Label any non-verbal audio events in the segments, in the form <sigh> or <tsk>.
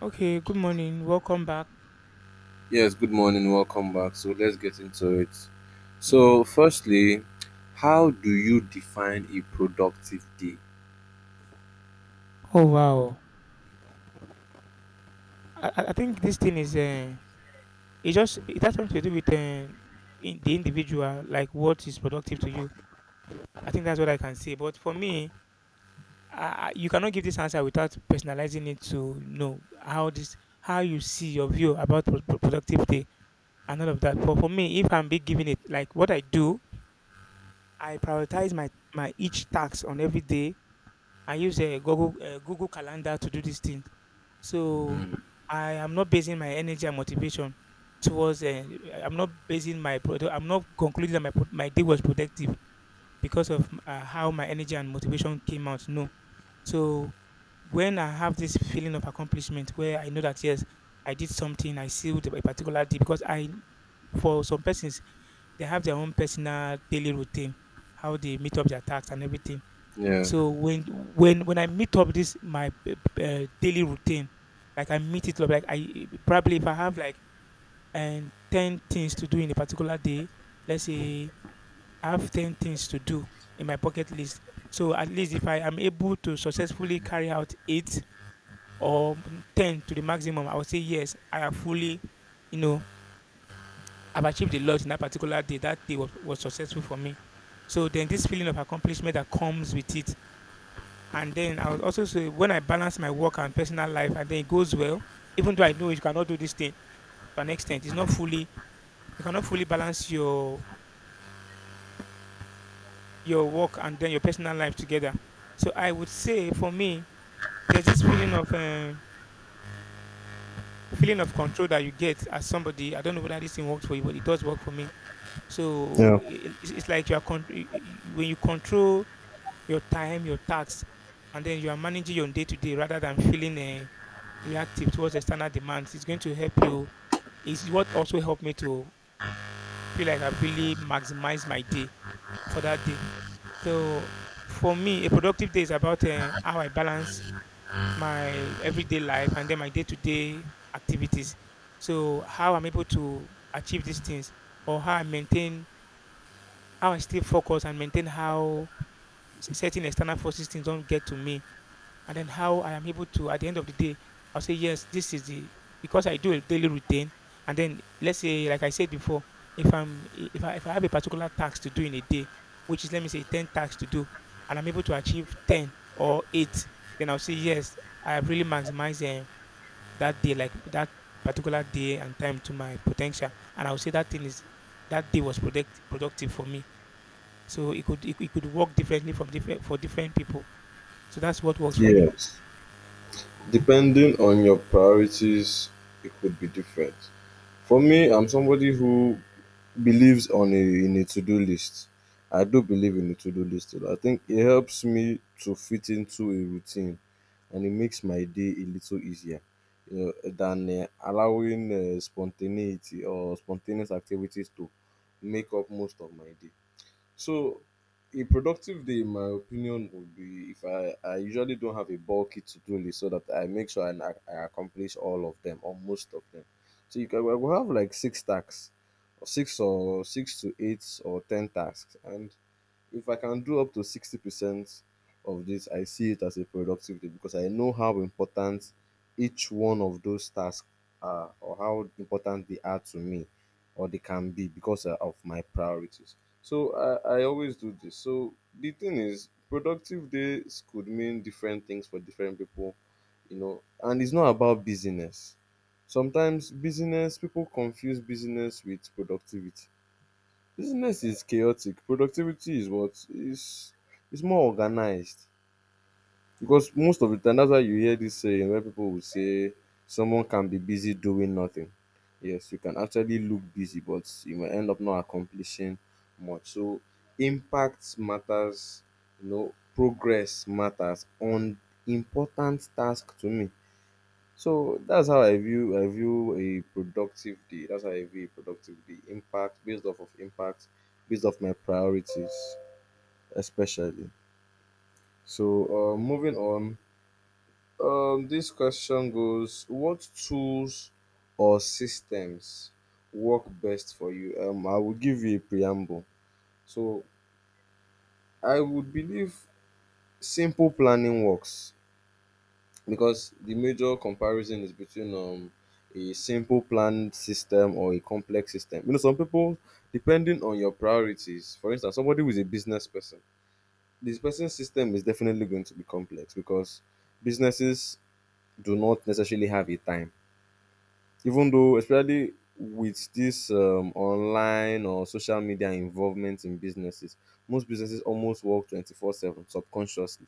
Okay, good morning. Welcome back. Yes, good morning, welcome back. So let's get into it. Yeah. So, firstly, how do you define a productive day? Oh wow. I think this thing is it just it has something to do with in the individual, like what is productive to you. I think that's what I can say. But for me, I, you cannot give this answer without personalizing it to know how this how you see your view about productivity and all of that. But for me, if I'm be giving it like what I do, I prioritize my each task on every day. I use a Google Google Calendar to do these things. So Mm. I am not basing my energy and motivation towards. I'm not basing my. I'm not concluding that my my day was productive because of how my energy and motivation came out. No. So when I have this feeling of accomplishment, where I know that yes, I did something, I sealed a particular day. Because I, for some persons, they have their own personal daily routine, how they meet up their tasks and everything. Yeah. So when I meet up this my daily routine, like I meet it up, like I probably if I have like and ten things to do in a particular day, let's say I have ten things to do in my bucket list. So at least if I am able to successfully carry out eight or ten to the maximum, I would say yes, I have fully, you know, I've achieved a lot in that particular day. That day was successful for me. So then this feeling of accomplishment that comes with it. And then I was also say when I balance my work and personal life and then it goes well, even though I know you cannot do this thing to an extent, it's not fully you cannot fully balance your work and then your personal life together. So I would say for me, there's this feeling of control that you get as somebody. I don't know whether this thing works for you, but it does work for me. So Yeah. It's like you are when you control your time, your tasks, and then you are managing your day to day rather than feeling reactive towards external demands. It's going to help you. It's what also helped me to feel like I've really maximized my day for that day. So for me, a productive day is about how I balance my everyday life and then my day to day activities. So how I'm able to achieve these things or how I maintain, how I stay focused and maintain how certain external forces things don't get to me and then how I am able to at the end of the day, I'll say yes, this is the because I do a daily routine, and then let's say like I said before, if I have a particular task to do in a day, which is let me say ten tasks to do, and I'm able to achieve ten or eight, then I'll say yes, I have really maximized that day like that particular day and time to my potential, and I'll say that thing is that day was product, productive for me. So it could work differently from different for different people. So that's what works for me. Yes. Depending on your priorities, it could be different. For me, I'm somebody who believes on a in a to-do list. I do believe in a to-do list. A lot. I think it helps me to fit into a routine, and it makes my day a little easier. You know, than allowing spontaneity or spontaneous activities to make up most of my day. So a productive day, in my opinion, would be if I usually don't have a bulky to-do list, so that I make sure I accomplish all of them or most of them. So you can, we will have like six tasks, or six to eight or ten tasks, and if I can do up to 60% of this, I see it as a productive day, because I know how important each one of those tasks are, or how important they are to me or they can be, because of my priorities. So I always do this. So the thing is, productive days could mean different things for different people, you know, and it's not about busyness. Sometimes business, people confuse business with productivity. Business is chaotic. Productivity is what is more organized. Because most of the time, that's why you hear this saying where people will say someone can be busy doing nothing. Yes, you can actually look busy, but you may end up not accomplishing much. So impact matters, you know, progress matters on important task to me. So that's how I view a productive day. That's how I view a productive day. Impact based off of impact, based off my priorities, especially. So moving on, this question goes: what tools or systems work best for you? I will give you a preamble. So I would believe simple planning works, because the major comparison is between a simple planned system or a complex system. You know, some people, depending on your priorities. For instance, somebody who is a business person, this person's system is definitely going to be complex, because businesses do not necessarily have a time, even though, especially with this online or social media involvement in businesses, most businesses almost work 24/7 subconsciously,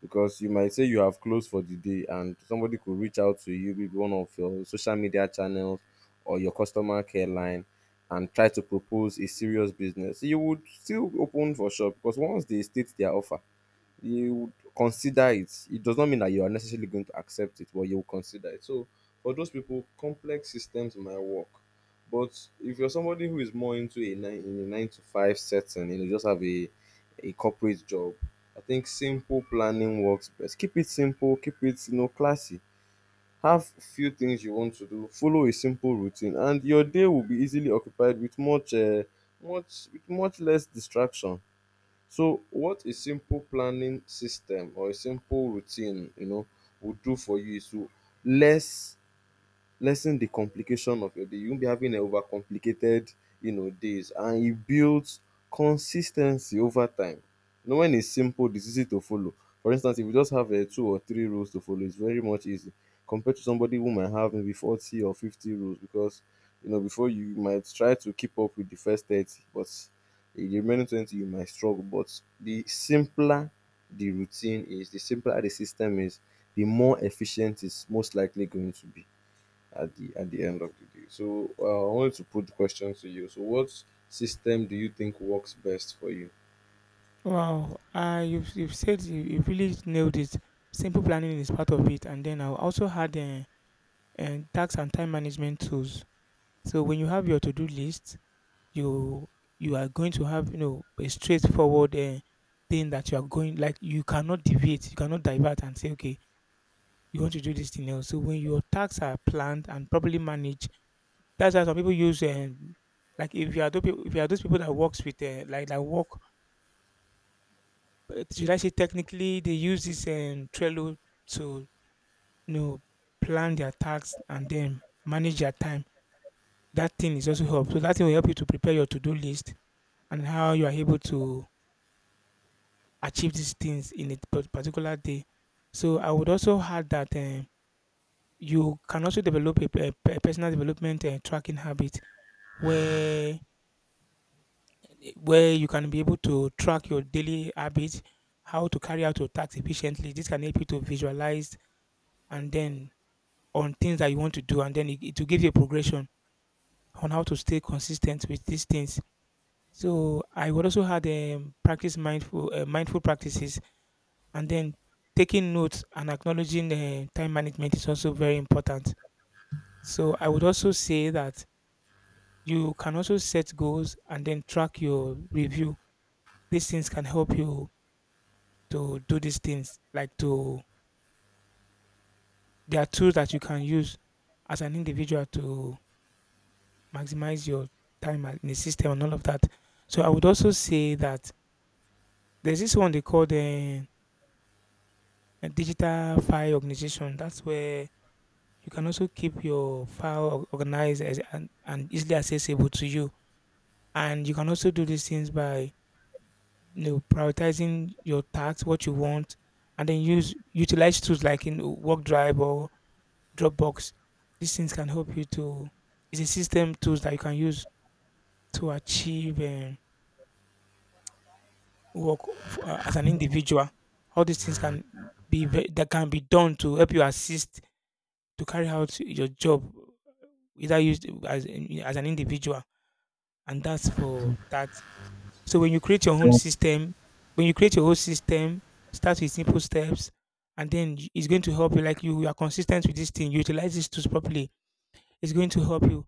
because you might say you have closed for the day and somebody could reach out to you maybe one of your social media channels or your customer care line and try to propose a serious business. You would still open for shop, because once they state their offer, you would consider it. It does not mean that you are necessarily going to accept it, but you will consider it. So for those people, complex systems might work. But if you're somebody who is more into a 9 to 5 setting, you know, just have a corporate job, I think simple planning works best. Keep it simple, keep it, you know, classy. Have few things you want to do, follow a simple routine, and your day will be easily occupied with much less distraction. So, what a simple planning system or a simple routine, you know, would do for you is to less lessen the complication of your day. You won't be having an overcomplicated, you know, days. And it builds consistency over time. You know, when it's simple, it's easy to follow. For instance, if you just have two or three rules to follow, it's very much easy compared to somebody who might have maybe 40 or 50 rules, because, you know, before you might try to keep up with the first 30, but in the remaining 20, you might struggle. But the simpler the routine is, the simpler the system is, the more efficient it's most likely going to be at the end of the day. So I wanted to put questions to you. So what system do you think works best for you? Wow, you've said you really nailed it. Simple planning is part of it. And then I also had tax and time management tools. So when you have your to-do list, you you are going to have you know a straightforward thing that you are going like you cannot deviate, you cannot divert and say okay, you want to do this thing else. So when your tasks are planned and properly managed, that's why some people use like if you are those people, if you are those people that works with like that work but should I say technically they use this Trello to you know plan their tasks and then manage their time. That thing is also help. So that thing will help you to prepare your to-do list and how you are able to achieve these things in a particular day. So I would also add that you can also develop a, personal development tracking habit where you can be able to track your daily habits, how to carry out your tasks efficiently. This can help you to visualize and then on things that you want to do and then it will give you a progression on how to stay consistent with these things. So I would also had practice mindful mindful practices and then taking notes and acknowledging time management is also very important. So I would also say that you can also set goals and then track your review. These things can help you to do these things like to there are tools that you can use as an individual to maximize your time in the system and all of that. So I would also say that there's this one they call the a digital file organization. That's where you can also keep your file organized as, and easily accessible to you. And you can also do these things by you know prioritizing your tasks, what you want, and then use utilize tools like in Work Drive or Dropbox. These things can help you to. It's a system tools that you can use to achieve. Work as an individual. All these things can that can be done to help you assist to carry out your job, either used as an individual, and that's for that. So when you create your own system, when you create your own system, start with simple steps, and then it's going to help you. Like you are consistent with this thing, you utilize these tools properly. It's going to help you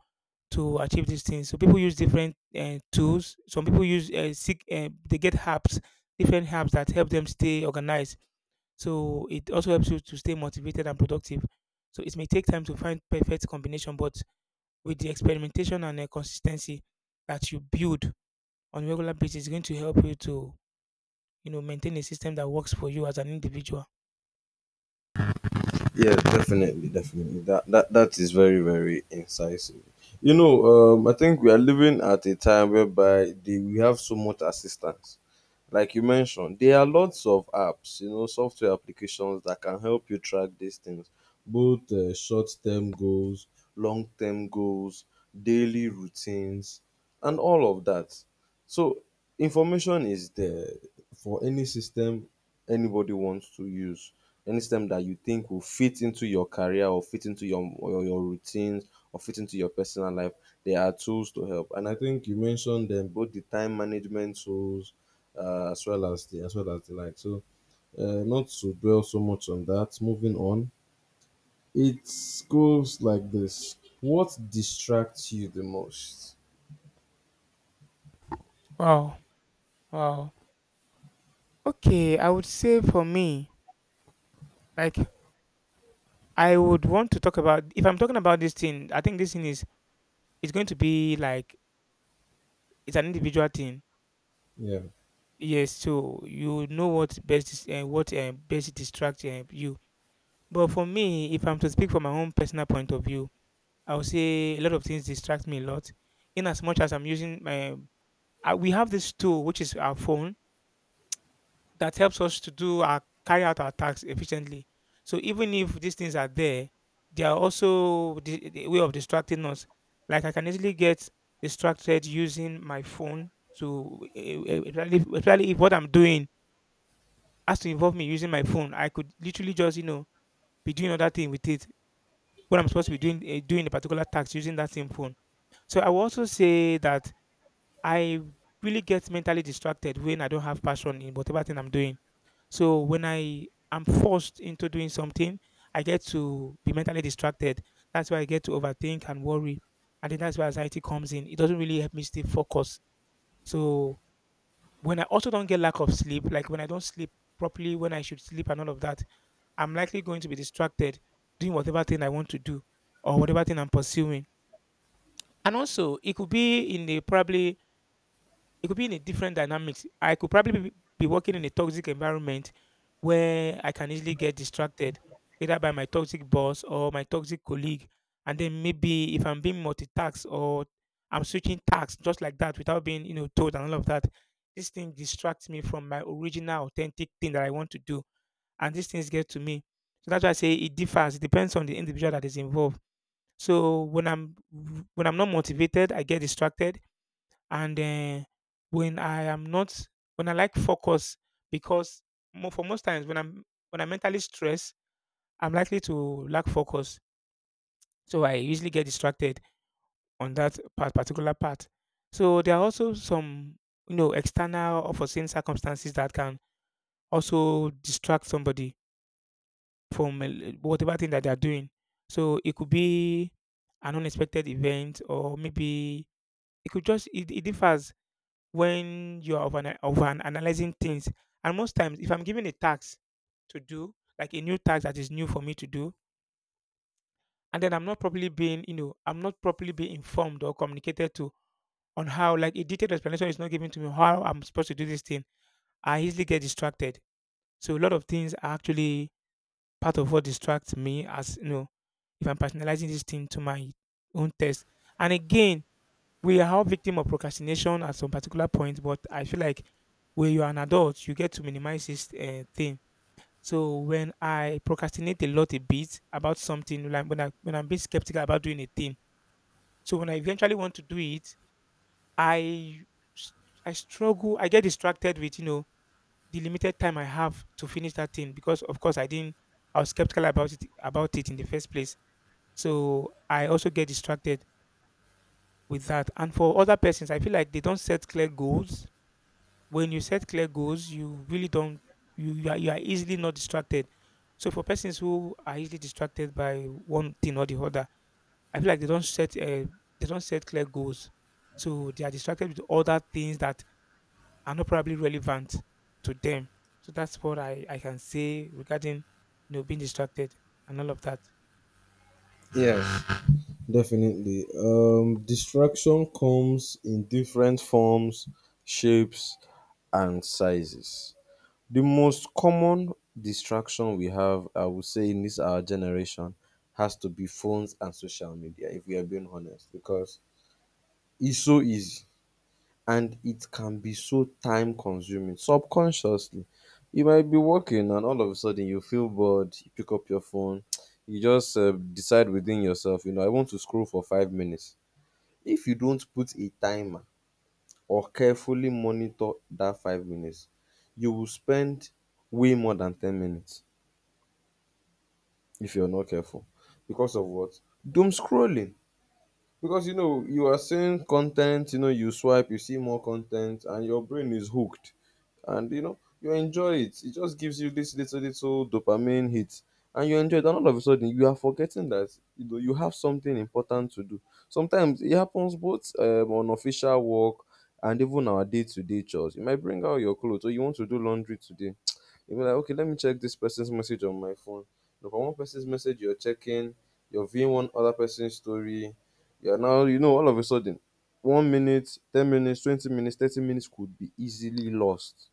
to achieve these things. So people use different tools. Some people use they get apps, different apps that help them stay organized. So it also helps you to stay motivated and productive. So it may take time to find perfect combination, but with the experimentation and consistency that you build on a regular basis, it's going to help you to you know maintain a system that works for you as an individual. Yeah, definitely, definitely. That is very, very incisive. You know, I think we are living at a time whereby we have so much assistance. Like you mentioned, there are lots of apps, you know, software applications that can help you track these things, both short-term goals, long-term goals, daily routines, and all of that. So information is there for any system anybody wants to use. Any system that you think will fit into your career or fit into your or your routines or fit into your personal life, there are tools to help. And I think you mentioned them, both the time management tools as well as the like. So not to dwell so much on that. Moving on, it goes like this: what distracts you the most? Wow, wow. Okay, I would say for me, like I would want to talk about if I'm talking about this thing, I think this thing is it's going to be like it's an individual thing. Yeah. Yes, so you know what best is, what best distracts you. But for me, if I'm to speak from my own personal point of view, I would say a lot of things distract me a lot. In as much as I'm using we have this tool which is our phone that helps us to do our carry out our tasks efficiently. So even if these things are there, they are also the way of distracting us. Like I can easily get distracted using my phone to, especially especially if what I'm doing has to involve me using my phone. I could literally just you know be doing other thing with it what I'm supposed to be doing doing a particular task using that same phone. So I will also say that I really get mentally distracted when I don't have passion in whatever thing I'm doing. So when I am forced into doing something, I get to be mentally distracted. That's why I get to overthink and worry, and then that's where anxiety comes in. It doesn't really help me stay focused. So when I also don't get lack of sleep, like when I don't sleep properly when I should sleep and all of that, I'm likely going to be distracted doing whatever thing I want to do or whatever thing I'm pursuing. And also, it could be in a probably it could be in a different dynamics. I could probably be working in a toxic environment where I can easily get distracted, either by my toxic boss or my toxic colleague. And then maybe if I'm being multitasked or I'm switching tasks just like that without being, told and all of that, this thing distracts me from my original authentic thing that I want to do. And these things get to me. So that's why I say it differs. It depends on the individual that is involved. So when I'm not motivated, I get distracted, and when I am not, when I like focus, because mo for most times when I'm mentally stressed, I'm likely to lack focus. So I usually get distracted on particular part. So there are also some, you know, external or foreseen circumstances that can also distract somebody from whatever thing that they are doing. So it could be an unexpected event, or maybe It could just it, it differs when you're over analyzing things. And most times, if I'm given a task to do, like a new task that is new for me to do, and then I'm not properly being informed or communicated to on how, like a detailed explanation is not given to me on how I'm supposed to do this thing, I easily get distracted. So a lot of things are actually part of what distracts me, as you know, if I'm personalizing this thing to my own test. And again, we are all victim of procrastination at some particular point, but I feel like when you're an adult, you get to minimize this thing. So when I procrastinate a lot a bit about something, like when I'm being skeptical about doing a thing, so when I eventually want to do it, I s- I struggle. I get distracted with, you know, the limited time I have to finish that thing, because of course I didn't. I was skeptical about it in the first place. So I also get distracted with that. And for other persons, I feel like they don't set clear goals. When you set clear goals, you really don't you are easily not distracted. So for persons who are easily distracted by one thing or the other, I feel like they don't set clear goals, so they are distracted with other things that are not probably relevant to them. So that's what I can say regarding, you know, being distracted and all of that. Yes. Definitely. Distraction comes in different forms, shapes, and sizes. The most common distraction we have, I would say, in this our generation has to be phones and social media, if we are being honest, because it's so easy and it can be so time consuming subconsciously. You might be working and all of a sudden you feel bored, you pick up your phone, <tsk> you just decide within yourself, you know, I want to scroll for 5 minutes. If you don't put a timer or carefully monitor that 5 minutes, you will spend way more than 10 minutes if you're not careful, because of what? Doom scrolling. Because you know you are seeing content, you know, you swipe, you see more content, and your brain is hooked. And you know you enjoy it, it just gives you this little dopamine hit, and you enjoy it, and all of a sudden you are forgetting that, you know, you have something important to do. Sometimes it happens both on official work and even our day-to-day chores. You might bring out your clothes or you want to do laundry today. <tsk> You'll be like, okay, let me check this person's message on my phone. You know, one person's message you're checking, you're viewing one other person's story. Yeah, now, you know, all of a sudden, 1 minute, 10 minutes, 20 minutes, 30 minutes could be easily lost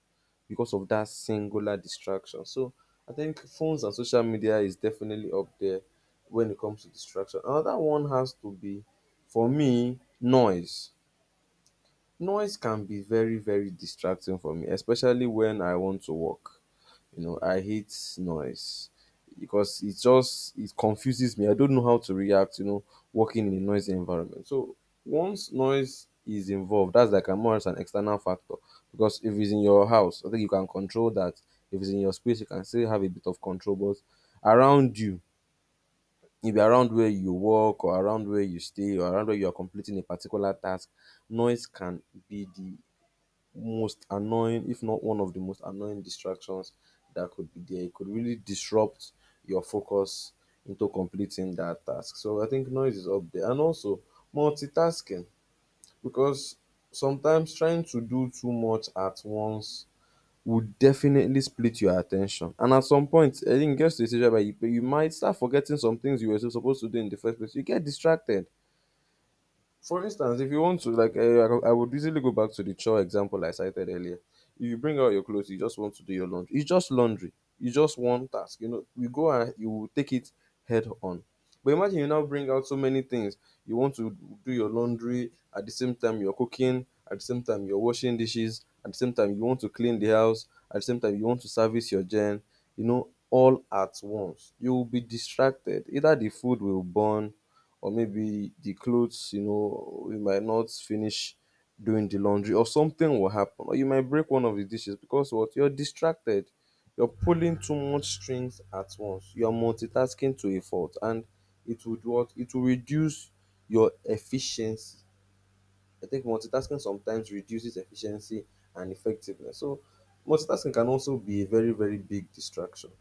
because of that singular distraction. So I think phones and social media is definitely up there when it comes to distraction. Another one has to be, for me, noise. Noise can be very, very distracting for me, especially when I want to work. You know, I hate noise because it just it confuses me. I don't know how to react, you know, working in a noisy environment. So once noise is involved, that's like a more as an external factor. Because if it's in your house, I think you can control that. If it's in your space, you can still have a bit of control. But around you, maybe around where you work or around where you stay or around where you are completing a particular task, noise can be the most annoying, if not one of the most annoying distractions that could be there. It could really disrupt your focus into completing that task. So I think noise is up there. And also multitasking, because sometimes trying to do too much at once would definitely split your attention. And at some point, I think it gets to a stage where you might start forgetting some things you were supposed to do in the first place. You get distracted. For instance, if you want to, like, I would easily go back to the chore example I cited earlier. If you bring out your clothes, you just want to do your laundry. It's just laundry. It's just one task. You know, we go and you will take it head on. But imagine you now bring out so many things. You want to do your laundry at the same time you're cooking, at the same time you're washing dishes, at the same time you want to clean the house, at the same time you want to service your gen. You know, all at once. You will be distracted. Either the food will burn, or maybe the clothes, you know, we might not finish doing the laundry, or something will happen. Or you might break one of the dishes because what? You're distracted. You're pulling too much strings at once. You're multitasking to a fault, and it would what? It will reduce your efficiency. I think multitasking sometimes reduces efficiency and effectiveness. So multitasking can also be a very, very big distraction.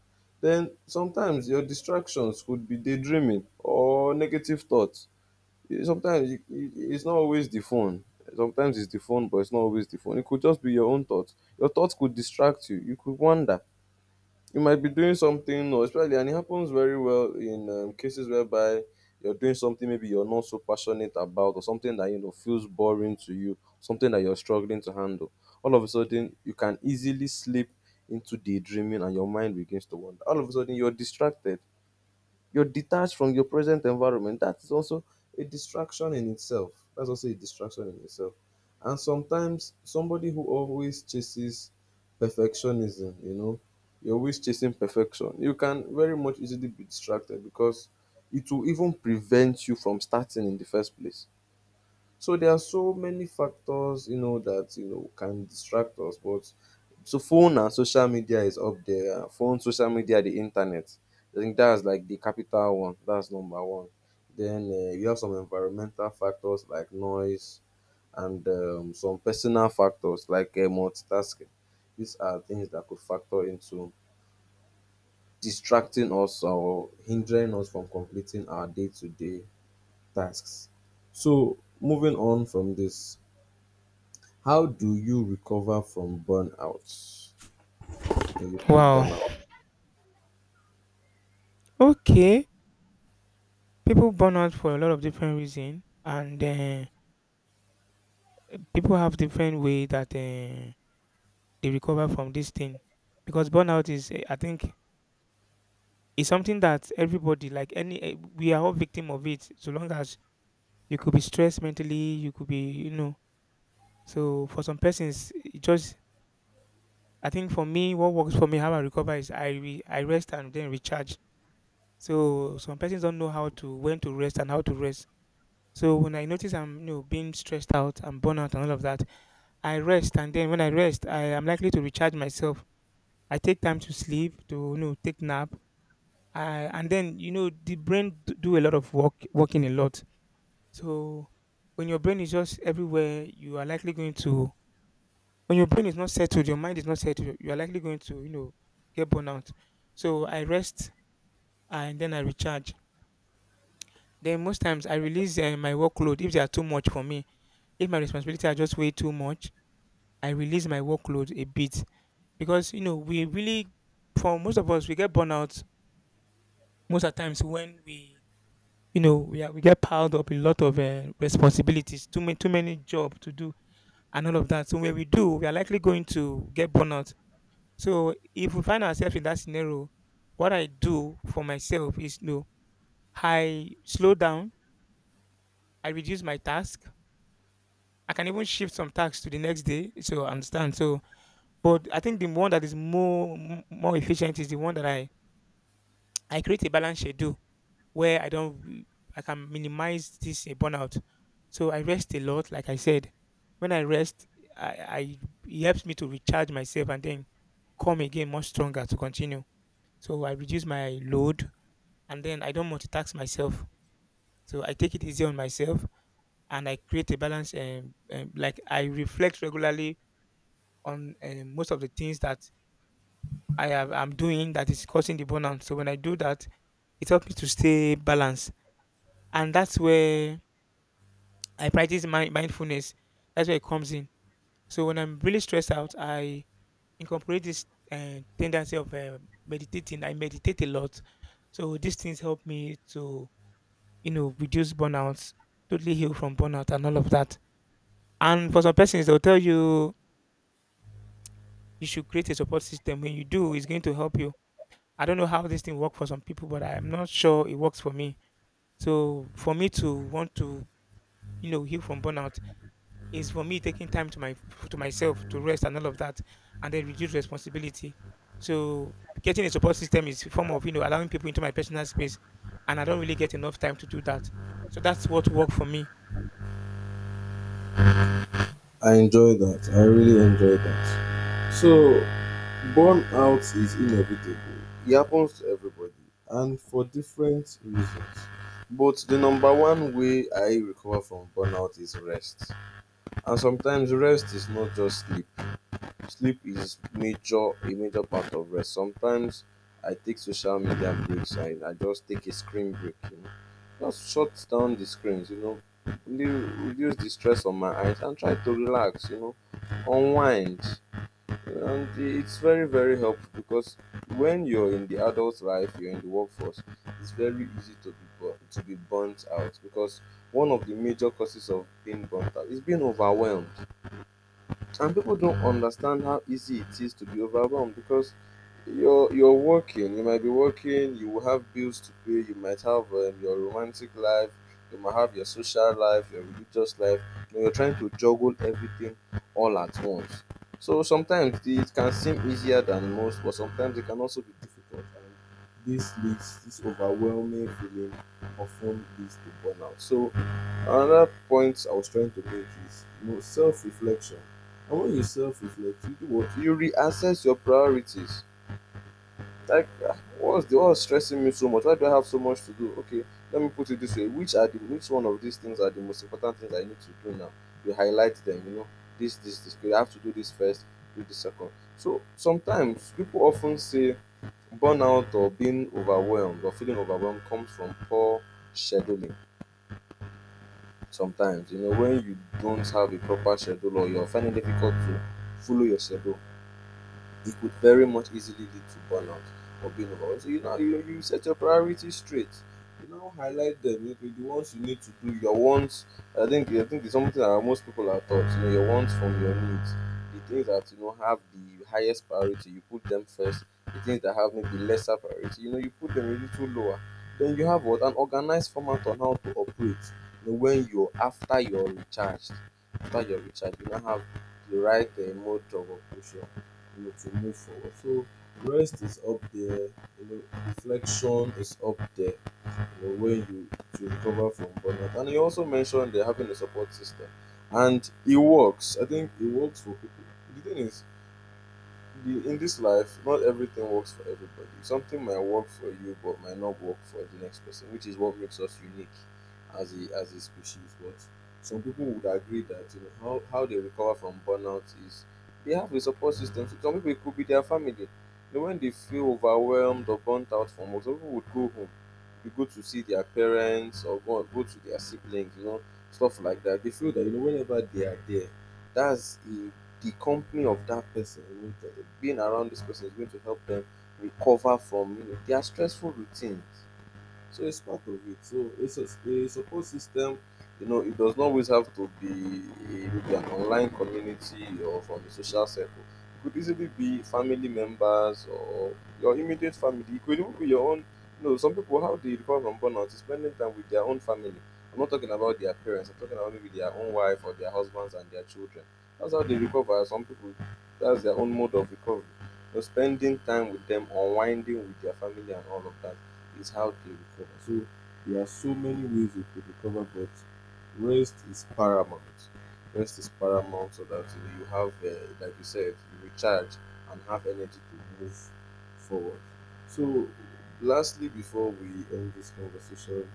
Then sometimes your distractions could be daydreaming or negative thoughts. sometimes you, it's not always the phone. Sometimes it's the phone, but it's not always the phone. It could just be your own thoughts. Your thoughts could distract you. You could wander. You might be doing something, or especially, and it happens very well in cases whereby you're doing something, maybe you're not so passionate about, or something that you know feels boring to you, something that you're struggling to handle. All of a sudden you can easily slip into daydreaming and your mind begins to wander. All of a sudden you're distracted, you're detached from your present environment. That is also a distraction in itself. That's also a distraction in itself. And sometimes somebody who always chases perfectionism, you know, you're always chasing perfection. You can very much easily be distracted because it will even prevent you from starting in the first place. So there are so many factors, you know, that you know can distract us. But so phone and social media is up there. Phone, social media, the internet. I think that's like the capital one. That's number one. Then you have some environmental factors like noise, and some personal factors like multitasking. These are things that could factor into distracting us or hindering us from completing our day-to-day tasks. So moving on from this, how do you recover from burnout? When you feel Wow. burnout? Okay. People burn out for a lot of different reasons, and people have different way that. They recover from this thing because burnout is I think is something that everybody, like we are all victim of it, so long as you could be stressed mentally, you could be, you know. So for some persons, it just, I think for me, what works for me, how I recover is I rest and then recharge. So some persons don't know how to, when to rest and how to rest. So when I notice I'm, you know, being stressed out and burnout and all of that, I rest, and then when I rest, I am likely to recharge myself. I take time to sleep, to, you know, take nap. uh, and then, you know, the do a lot of work, working a lot. So when your brain is just everywhere, you are likely going to, when your brain is not settled, your mind is not settled, you are likely going to, you know, get burnout. So I rest and then I recharge. Then most times I release my workload if they are too much for me. If my responsibility are just way too much, I release my workload a bit, because, you know, we really, for most of us, we get burnout most of the times when we, you know, we are, we get piled up a lot of responsibilities, too many job to do, and all of that. So when we do, we are likely going to get burnout. So if we find ourselves in that scenario, what I do for myself is, you know, I slow down, I reduce my task. I can even shift some tasks to the next day. So I understand. So, but I think the one that is more, more efficient is the one that I create a balance schedule where I don't re- I can minimize this burnout. So I rest a lot, like I said. When I rest, I, it helps me to recharge myself and then come again much stronger to continue. So I reduce my load and then I don't multitask myself. So I take it easy on myself and I create a balance. Like I reflect regularly on, most of the things that I'm doing that is causing the burnout. So when I do that, it helps me to stay balanced, and that's where I practice my mindfulness. That's where it comes in. So when I'm really stressed out, I incorporate this tendency of meditating. I meditate a lot. So these things help me to, you know, reduce burnout, totally heal from burnout and all of that. And for some persons, they'll tell you you should create a support system. When you do, it's going to help you. I don't know how this thing works for some people, but I'm not sure it works for me. So for me to want to, you know, heal from burnout, is for me taking time to my to myself to rest and all of that, and then reduce responsibility. So getting a support system is a form of, you know, allowing people into my personal space, and I don't really get enough time to do that. So that's what worked for me. I enjoy that. I really enjoy that. So, burnout is inevitable. It happens to everybody and for different reasons. But the number one way I recover from burnout is rest. And sometimes rest is not just sleep. Sleep is major a major part of rest. Sometimes I take social media breaks and I just take a screen break. Just shut down the screens, reduce the stress on my eyes and try to relax, unwind. And it's very, very helpful because when you're in the adult life, you're in the workforce, it's very easy to be to be burnt out, because one of the major causes of being burnt out is being overwhelmed, and people don't understand how easy it is to be overwhelmed because you're working. You might be working. You will have bills to pay. You might have your romantic life. You might have your social life, your religious life. You're trying to juggle everything all at once. So sometimes it can seem easier than most, but sometimes it can also be difficult. And this overwhelming feeling often leads to burnout. So another point I was trying to make is self reflection. And when you self-reflect, you do what? You reassess your priorities. Like, ah, what's stressing me so much? Why do I have so much to do? Okay, let me put it this way: which one of these things are the most important things I need to do now? You highlight them. You know, this, this, this. Okay, I have to do this first. Do this second. So sometimes people often say burnout or being overwhelmed or feeling overwhelmed comes from poor scheduling. Sometimes, when you don't have a proper schedule or you're finding it difficult to follow your schedule, it could very much easily lead to burnout or being overwhelmed. So you set your priorities straight. Highlight them. Okay, the ones you need to do, your wants. I think it's something that most people are taught. Your wants from your needs. The things that you know have the highest priority, you put them first. The things that have maybe lesser priority, you put them a little lower. Then you have what an organized format on how to operate. When you're After you're recharged, you now have the right mode of operation, to move forward. So rest is up there, you know, reflection is up there, when you to recover from burnout. And he also mentioned they're having a support system. And it works. I think it works for people. The thing is, in this life, not everything works for everybody. Something might work for you, but might not work for the next person, which is what makes us unique as a species. But some people would agree that how they recover from burnout is they have a support system. So some people it could be their family. When they feel overwhelmed or burnt out from work, some people would go home. They go to see their parents or go to their siblings. Stuff like that. They feel that whenever they are there, that's a the company of that person, being around this person is going to help them recover from their stressful routines. So it's part of it. So it's a support system. It does not always have to be, maybe an online community or from a social circle. It could easily be family members or your immediate family. It could even be your own. Some people, how they recover from burnout is spending time with their own family. I'm not talking about their parents. I'm talking about maybe their own wife or their husbands and their children. That's how they recover. Some people, that's their own mode of recovery. Spending time with them, unwinding with their family and all of that is how they recover. So there are so many ways they could recover, but rest is paramount. Rest is paramount so that you have, like you said, you recharge and have energy to move forward. So, lastly, before we end this conversation,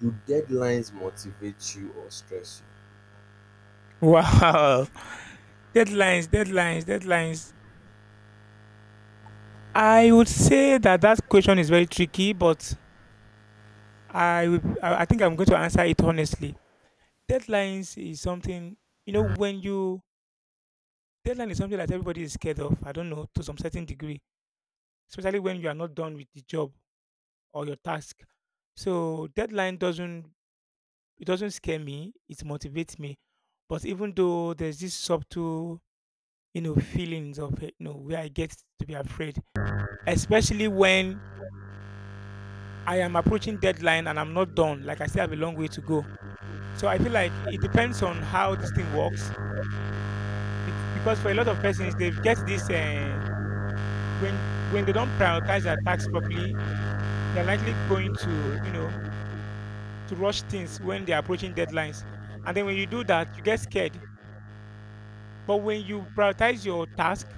do deadlines motivate you or stress Wow, <laughs> deadlines, deadlines, deadlines. I would say that that question is very tricky, but I think I'm going to answer it honestly. Deadlines is something, you know, when you, deadline is something that everybody is scared of. I don't know, to some certain degree, especially when you are not done with the job or your task. So deadline doesn't, it doesn't scare me, it motivates me. But even though there's this subtle, you know, feelings of you know, where I get to be afraid, especially when I am approaching deadline and I'm not done. Like I still have a long way to go. So I feel like it depends on how this thing works. Because for a lot of persons, they get this when they don't prioritize their tasks properly, they're likely going to, you know, to rush things when they're approaching deadlines. And then when you do that, you get scared. But when you prioritize your task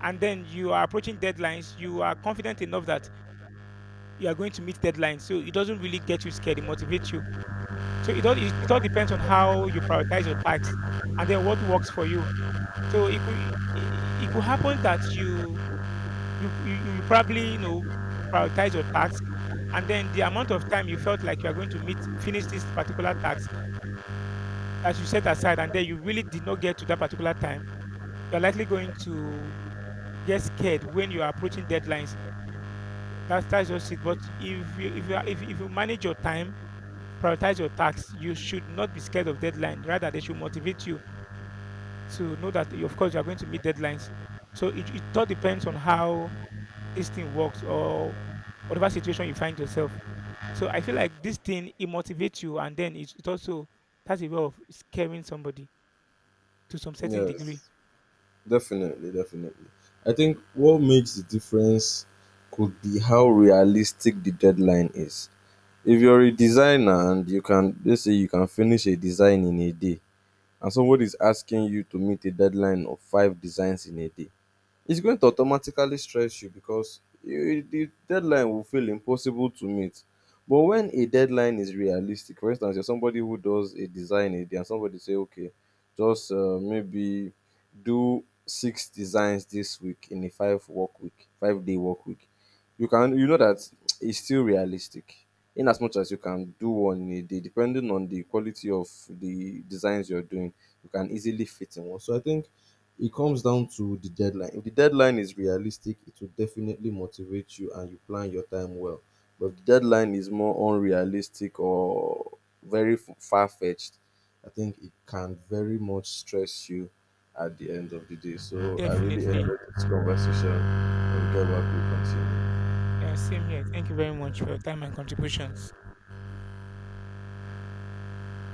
and then you are approaching deadlines, you are confident enough that you are going to meet deadlines. So it doesn't really get you scared, it motivates you. So it all depends on how you prioritize your tasks and then what works for you. So it could happen that you you probably, you know, prioritize your task and then the amount of time you felt like you are going to meet finish this particular task that you set aside, and then you really did not get to that particular time, you're likely going to get scared when you are approaching deadlines. That's just it. But if you, if you are, if you manage your time, prioritize your tasks, you should not be scared of deadline. Rather, they should motivate you to know that you, of course you are going to meet deadlines. So it all depends on how this thing works or whatever situation you find yourself. So I feel like this thing it motivates you, and then it also it has a way of scaring somebody to some certain you? degree. Yes, definitely, definitely. I think what makes the difference could be how realistic the deadline is. If you're a designer and you can let's say you can finish a design in a day, and somebody is asking you to meet a deadline of five designs in a day, it's going to automatically stress you because the deadline will feel impossible to meet. But when a deadline is realistic, for instance, you're somebody who does a design a day, and somebody say, okay, just maybe do six designs this week in a 5-day work week. You can you know that it's still realistic. In as much as you can do one in a day, depending on the quality of the designs you're doing, you can easily fit in one. So I think it comes down to the deadline. If the deadline is realistic, it will definitely motivate you and you plan your time well. But if the deadline is more unrealistic or very far fetched, I think it can very much stress you at the end of the day. So I really Definitely. enjoyed this conversation. When we get back, we continue. Yeah, same here. Thank you very much for your time and contributions.